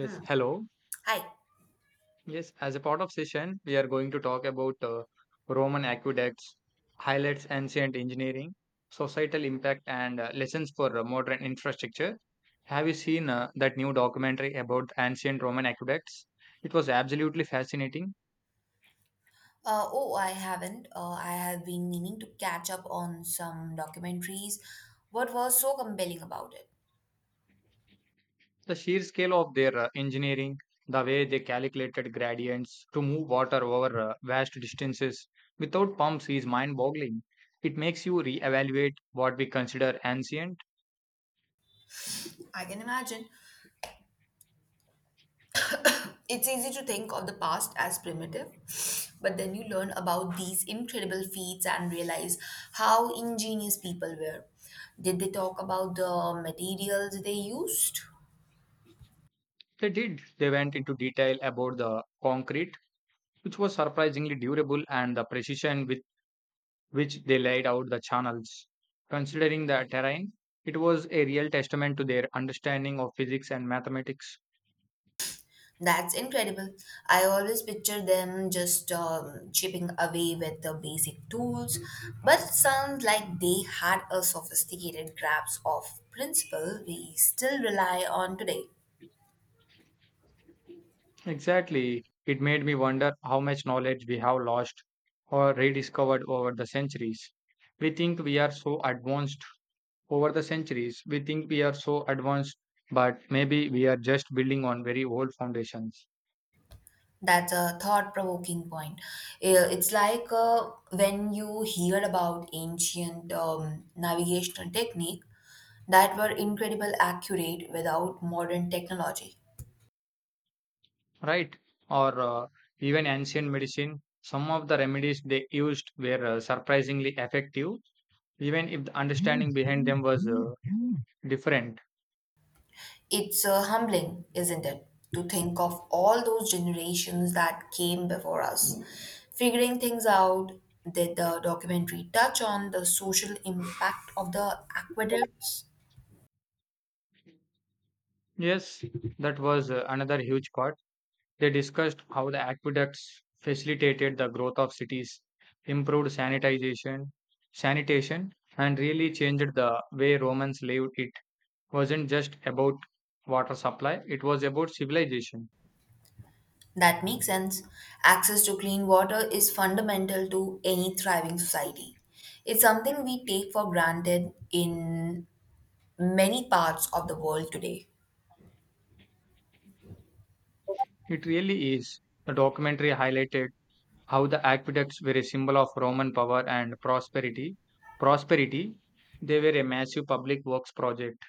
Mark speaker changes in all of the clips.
Speaker 1: Hmm.
Speaker 2: hello.
Speaker 1: Hi.
Speaker 2: Yes, as a part of session, we are going to talk about Roman aqueducts, highlights ancient engineering, societal impact, and lessons for modern infrastructure. Have you seen that new documentary about ancient Roman aqueducts? It was absolutely fascinating.
Speaker 1: Oh, I haven't. I have been meaning to catch up on some documentaries. What was so compelling about it?
Speaker 2: The sheer scale of their engineering, the way they calculated gradients to move water over vast distances without pumps is mind boggling. It makes you reevaluate what we consider ancient.
Speaker 1: I can imagine. It's easy to think of the past as primitive, but then you learn about these incredible feats and realize how ingenious people were. Did they talk about the materials they used?
Speaker 2: They did. They went into detail about the concrete, which was surprisingly durable, and the precision with which they laid out the channels. Considering the terrain, it was a real testament to their understanding of physics and mathematics.
Speaker 1: That's incredible. I always picture them just chipping away with the basic tools, but it sounds like they had a sophisticated grasp of principle we still rely on today.
Speaker 2: Exactly. It made me wonder how much knowledge we have lost or rediscovered over the centuries. We think we are so advanced over the centuries. We think we are so advanced, but maybe we are just building on very old foundations.
Speaker 1: That's a thought-provoking point. It's like when you hear about ancient navigational technique that were incredible accurate without modern technology.
Speaker 2: Right? Or even ancient medicine, some of the remedies they used were surprisingly effective, even if the understanding behind them was different.
Speaker 1: It's humbling, isn't it, to think of all those generations that came before us, figuring things out. Did the documentary touch on the social impact of the aqueducts?
Speaker 2: Yes, that was another huge part. They discussed how the aqueducts facilitated the growth of cities, improved sanitation, and really changed the way Romans lived. It wasn't just about water supply; it was about civilization.
Speaker 1: That makes sense. Access to clean water is fundamental to any thriving society. It's something we take for granted in many parts of the world today.
Speaker 2: It really is. The documentary highlighted how the aqueducts were a symbol of Roman power and prosperity, they were a massive public works project.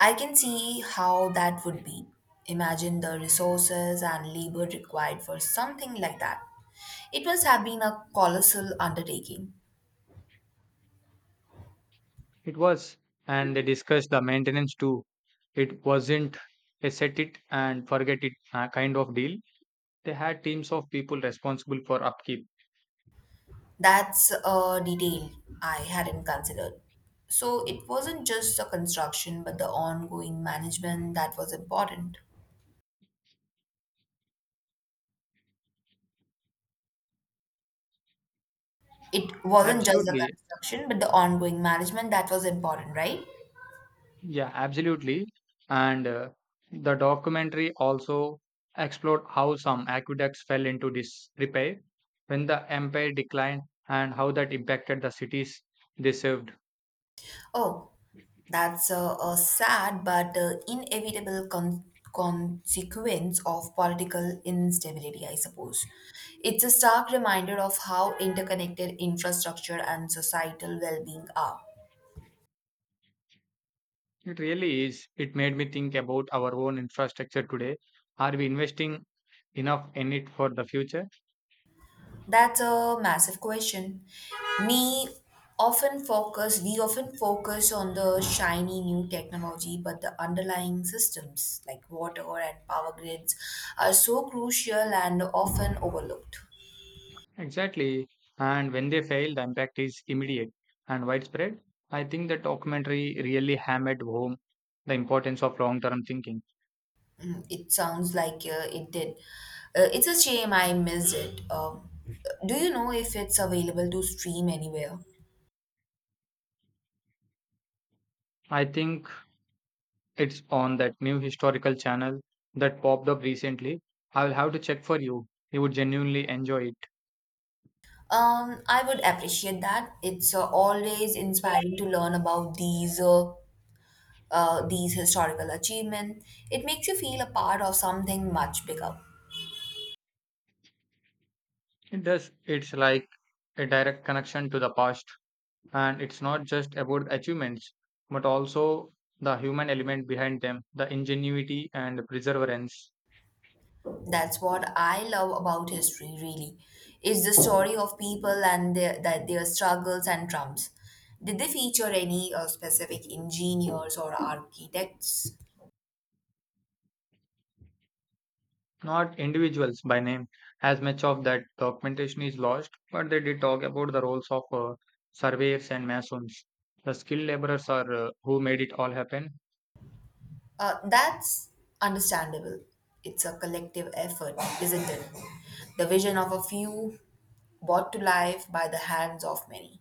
Speaker 1: I can see how that would be. Imagine the resources and labor required for something like that. It must have been a colossal undertaking.
Speaker 2: It was, and they discussed the maintenance too. It wasn't a set it and forget it kind of deal. They had teams of people responsible for upkeep.
Speaker 1: That's a detail I hadn't considered. So it wasn't just the construction, but the ongoing management that was important. It wasn't just the
Speaker 2: Absolutely.
Speaker 1: construction, but the ongoing management that was important, right?
Speaker 2: Yeah, absolutely. And the documentary also explored how some aqueducts fell into disrepair when the empire declined and how that impacted the cities they served.
Speaker 1: Oh, that's a sad but inevitable consequence of political instability, I suppose. It's a stark reminder of how interconnected infrastructure and societal well being are.
Speaker 2: It really is. It made me think about our own infrastructure today. Are we investing enough in it for the future?
Speaker 1: That's a massive question. Me often focus we often focus on the shiny new technology, but the underlying systems like water and power grids are so crucial and often overlooked.
Speaker 2: Exactly. And when they fail, the impact is immediate and widespread. I think the documentary really hammered home the importance of long term thinking.
Speaker 1: Mm, it sounds like it did. It's a shame I missed it. Do you know if it's available to stream anywhere?
Speaker 2: I think it's on that new historical channel that popped up recently. I'll have to check for you. You would genuinely enjoy it.
Speaker 1: I would appreciate that. It's always inspiring to learn about these historical achievements. It makes you feel a part of something much bigger.
Speaker 2: It does. It's like a direct connection to the past. And it's not just about achievements, but also the human element behind them, the ingenuity and the perseverance.
Speaker 1: That's what I love about history, really. It's the story of people and their struggles and triumphs. Did they feature any specific engineers or architects?
Speaker 2: Not individuals by name. As much of that documentation is lost, but they did talk about the roles of surveyors and masons. The skilled laborers are who made it all happen.
Speaker 1: That's understandable. It's a collective effort, isn't it? The vision of a few brought to life by the hands of many.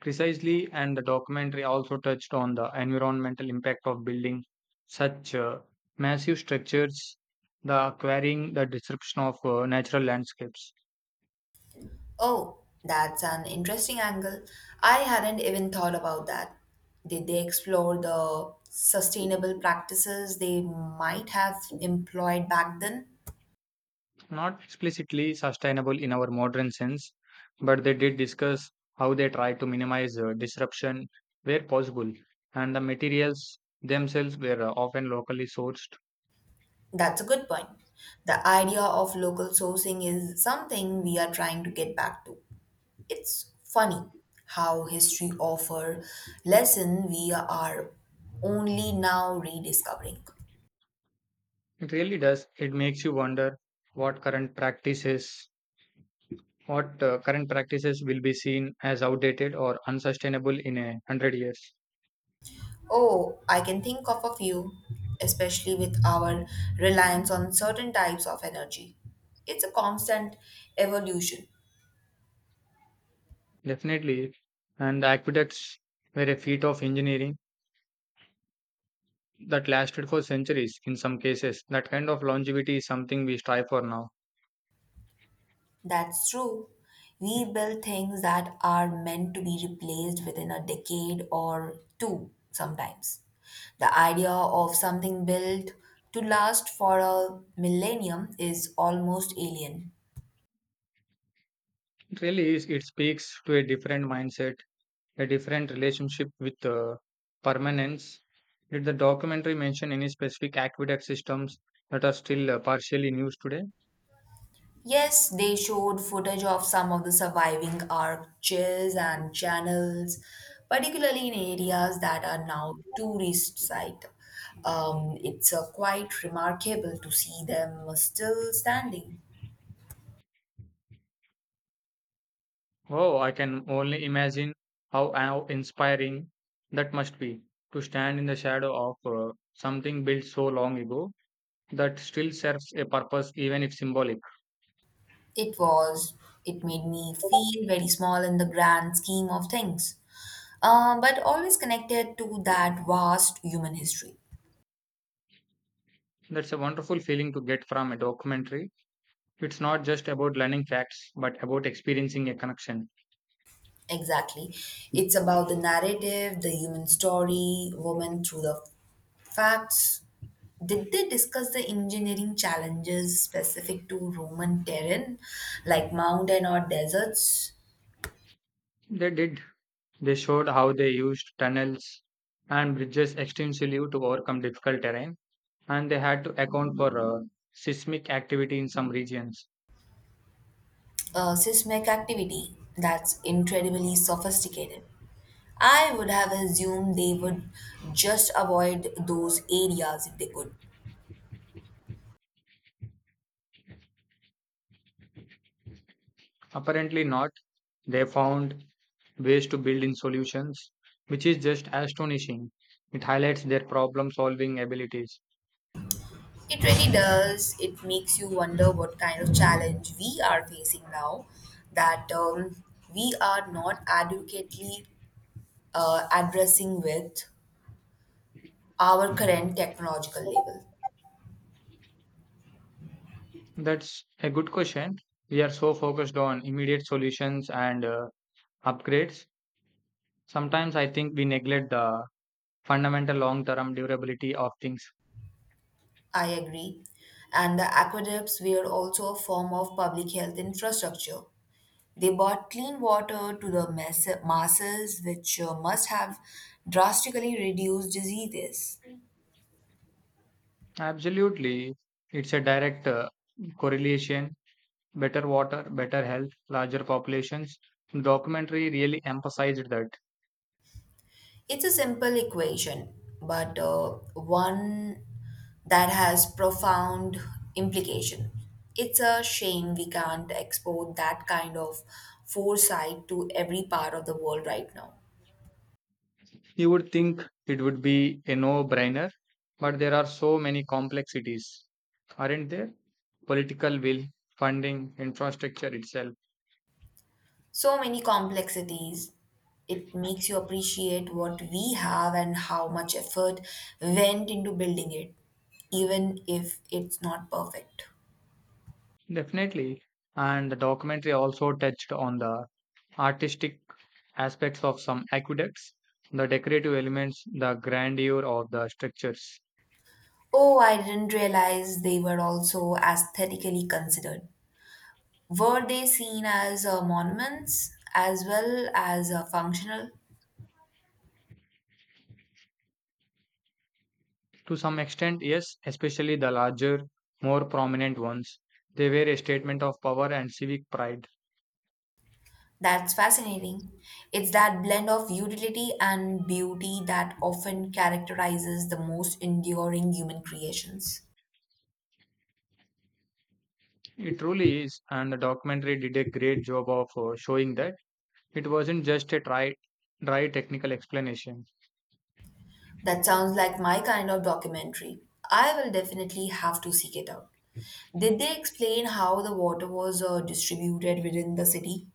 Speaker 2: Precisely, and the documentary also touched on the environmental impact of building such massive structures, the quarrying, the disruption of natural landscapes.
Speaker 1: Oh, that's an interesting angle. I hadn't even thought about that. Did they explore the sustainable practices they might have employed back then?
Speaker 2: Not explicitly sustainable in our modern sense, but they did discuss how they try to minimize disruption where possible, and the materials themselves were often locally sourced.
Speaker 1: That's a good point. The idea of local sourcing is something we are trying to get back to. It's funny how history offer lesson we are only now rediscovering.
Speaker 2: It really does. It makes you wonder what current practices what current practices will be seen as outdated or unsustainable in a hundred years?
Speaker 1: Oh, I can think of a few, especially with our reliance on certain types of energy. It's a constant evolution.
Speaker 2: Definitely. And the aqueducts were a feat of engineering that lasted for centuries in some cases. That kind of longevity is something we strive for now.
Speaker 1: That's true. We build things that are meant to be replaced within a decade or two sometimes. The idea of something built to last for a millennium is almost alien.
Speaker 2: It really is, it speaks to a different mindset, a different relationship with permanence. Did the documentary mention any specific aqueduct systems that are still partially in use today?
Speaker 1: Yes, they showed footage of some of the surviving arches and channels, particularly in areas that are now tourist sites. It's quite remarkable to see them still standing.
Speaker 2: Oh, I can only imagine how inspiring that must be to stand in the shadow of something built so long ago that still serves a purpose, even if symbolic.
Speaker 1: It was, it made me feel very small in the grand scheme of things, but always connected to that vast human history.
Speaker 2: That's a wonderful feeling to get from a documentary. It's not just about learning facts, but about experiencing a connection.
Speaker 1: Exactly. It's about the narrative, the human story, women through the facts. Did they discuss the engineering challenges specific to Roman terrain, like mountain or deserts?
Speaker 2: They did. They showed how they used tunnels and bridges extensively to overcome difficult terrain, and they had to account for seismic activity in some regions.
Speaker 1: Seismic activity, that's incredibly sophisticated. I would have assumed they would just avoid those areas if they could.
Speaker 2: Apparently not. They found ways to build in solutions, which is just astonishing. It highlights their problem solving abilities.
Speaker 1: It really does. It makes you wonder what kind of challenge we are facing now, that we are not adequately addressing with our current technological level.
Speaker 2: That's a good question. We are so focused on immediate solutions and upgrades. Sometimes I think we neglect the fundamental long term durability of things.
Speaker 1: I agree. And the aqueducts were also a form of public health infrastructure. They brought clean water to the masses, which must have drastically reduced diseases.
Speaker 2: Absolutely. It's a direct correlation. Better water, better health, larger populations. The documentary really emphasized that.
Speaker 1: It's a simple equation, but one that has profound implication. It's a shame we can't export that kind of foresight to every part of the world right now.
Speaker 2: You would think it would be a no brainer, but there are so many complexities, aren't there? Political will, funding, infrastructure itself.
Speaker 1: So many complexities. It makes you appreciate what we have and how much effort went into building it, even if it's not perfect.
Speaker 2: Definitely. And the documentary also touched on the artistic aspects of some aqueducts, the decorative elements, the grandeur of the structures.
Speaker 1: Oh, I didn't realize they were also aesthetically considered. Were they seen as monuments as well as functional?
Speaker 2: To some extent, yes, especially the larger, more prominent ones. They were a statement of power and civic pride.
Speaker 1: That's fascinating. It's that blend of utility and beauty that often characterizes the most enduring human creations.
Speaker 2: It truly is, and the documentary did a great job of showing that it wasn't just a dry technical explanation.
Speaker 1: That sounds like my kind of documentary. I will definitely have to seek it out. Did they explain how the water was distributed within the city?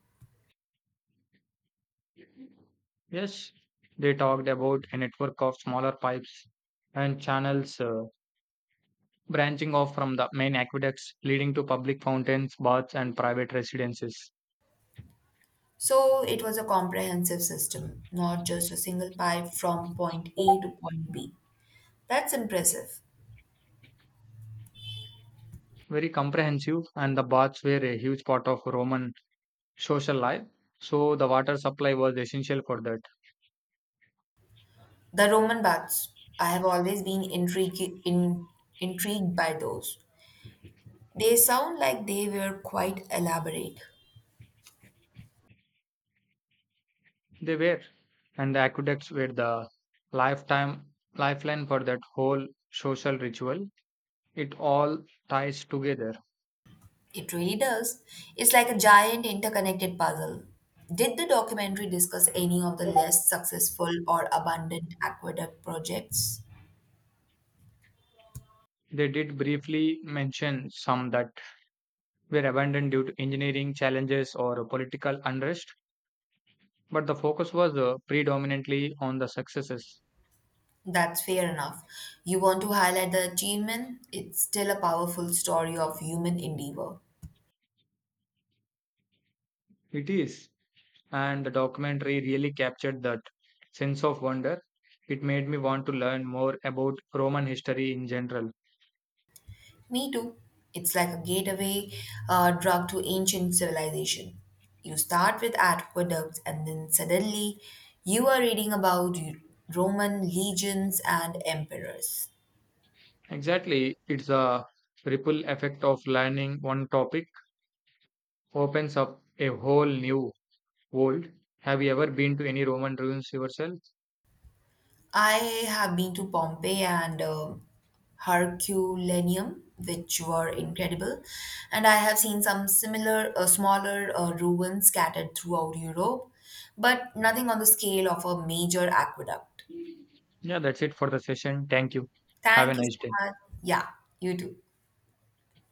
Speaker 2: Yes, they talked about a network of smaller pipes and channels branching off from the main aqueducts, leading to public fountains, baths, and private residences.
Speaker 1: So it was a comprehensive system, not just a single pipe from point A to point B. That's impressive.
Speaker 2: Very comprehensive, and the baths were a huge part of Roman social life, so the water supply was essential for that.
Speaker 1: The Roman baths, I have always been intrigued by those. They sound like they were quite elaborate.
Speaker 2: They were, and the aqueducts were the lifetime lifeline for that whole social ritual. It all ties together.
Speaker 1: It really does. It's like a giant interconnected puzzle. Did the documentary discuss any of the less successful or abandoned aqueduct projects?
Speaker 2: They did briefly mention some that were abandoned due to engineering challenges or political unrest, but the focus was predominantly on the successes.
Speaker 1: That's fair enough. You want to highlight the achievement? It's still a powerful story of human endeavor.
Speaker 2: It is, and the documentary really captured that sense of wonder. It made me want to learn more about Roman history in general.
Speaker 1: Me too. It's like a gateway drug to ancient civilization. You start with aqueducts, and then suddenly you are reading about Roman legions and emperors.
Speaker 2: Exactly, it's a ripple effect of learning one topic opens up a whole new world. Have you ever been to any Roman ruins yourself?
Speaker 1: I have been to Pompeii and Herculaneum, which were incredible, and I have seen some similar, smaller ruins scattered throughout Europe, but nothing on the scale of a major aqueduct.
Speaker 2: Yeah, that's it for the session. Thank you. Have a
Speaker 1: Thank you so
Speaker 2: nice day.
Speaker 1: much. Yeah, you too.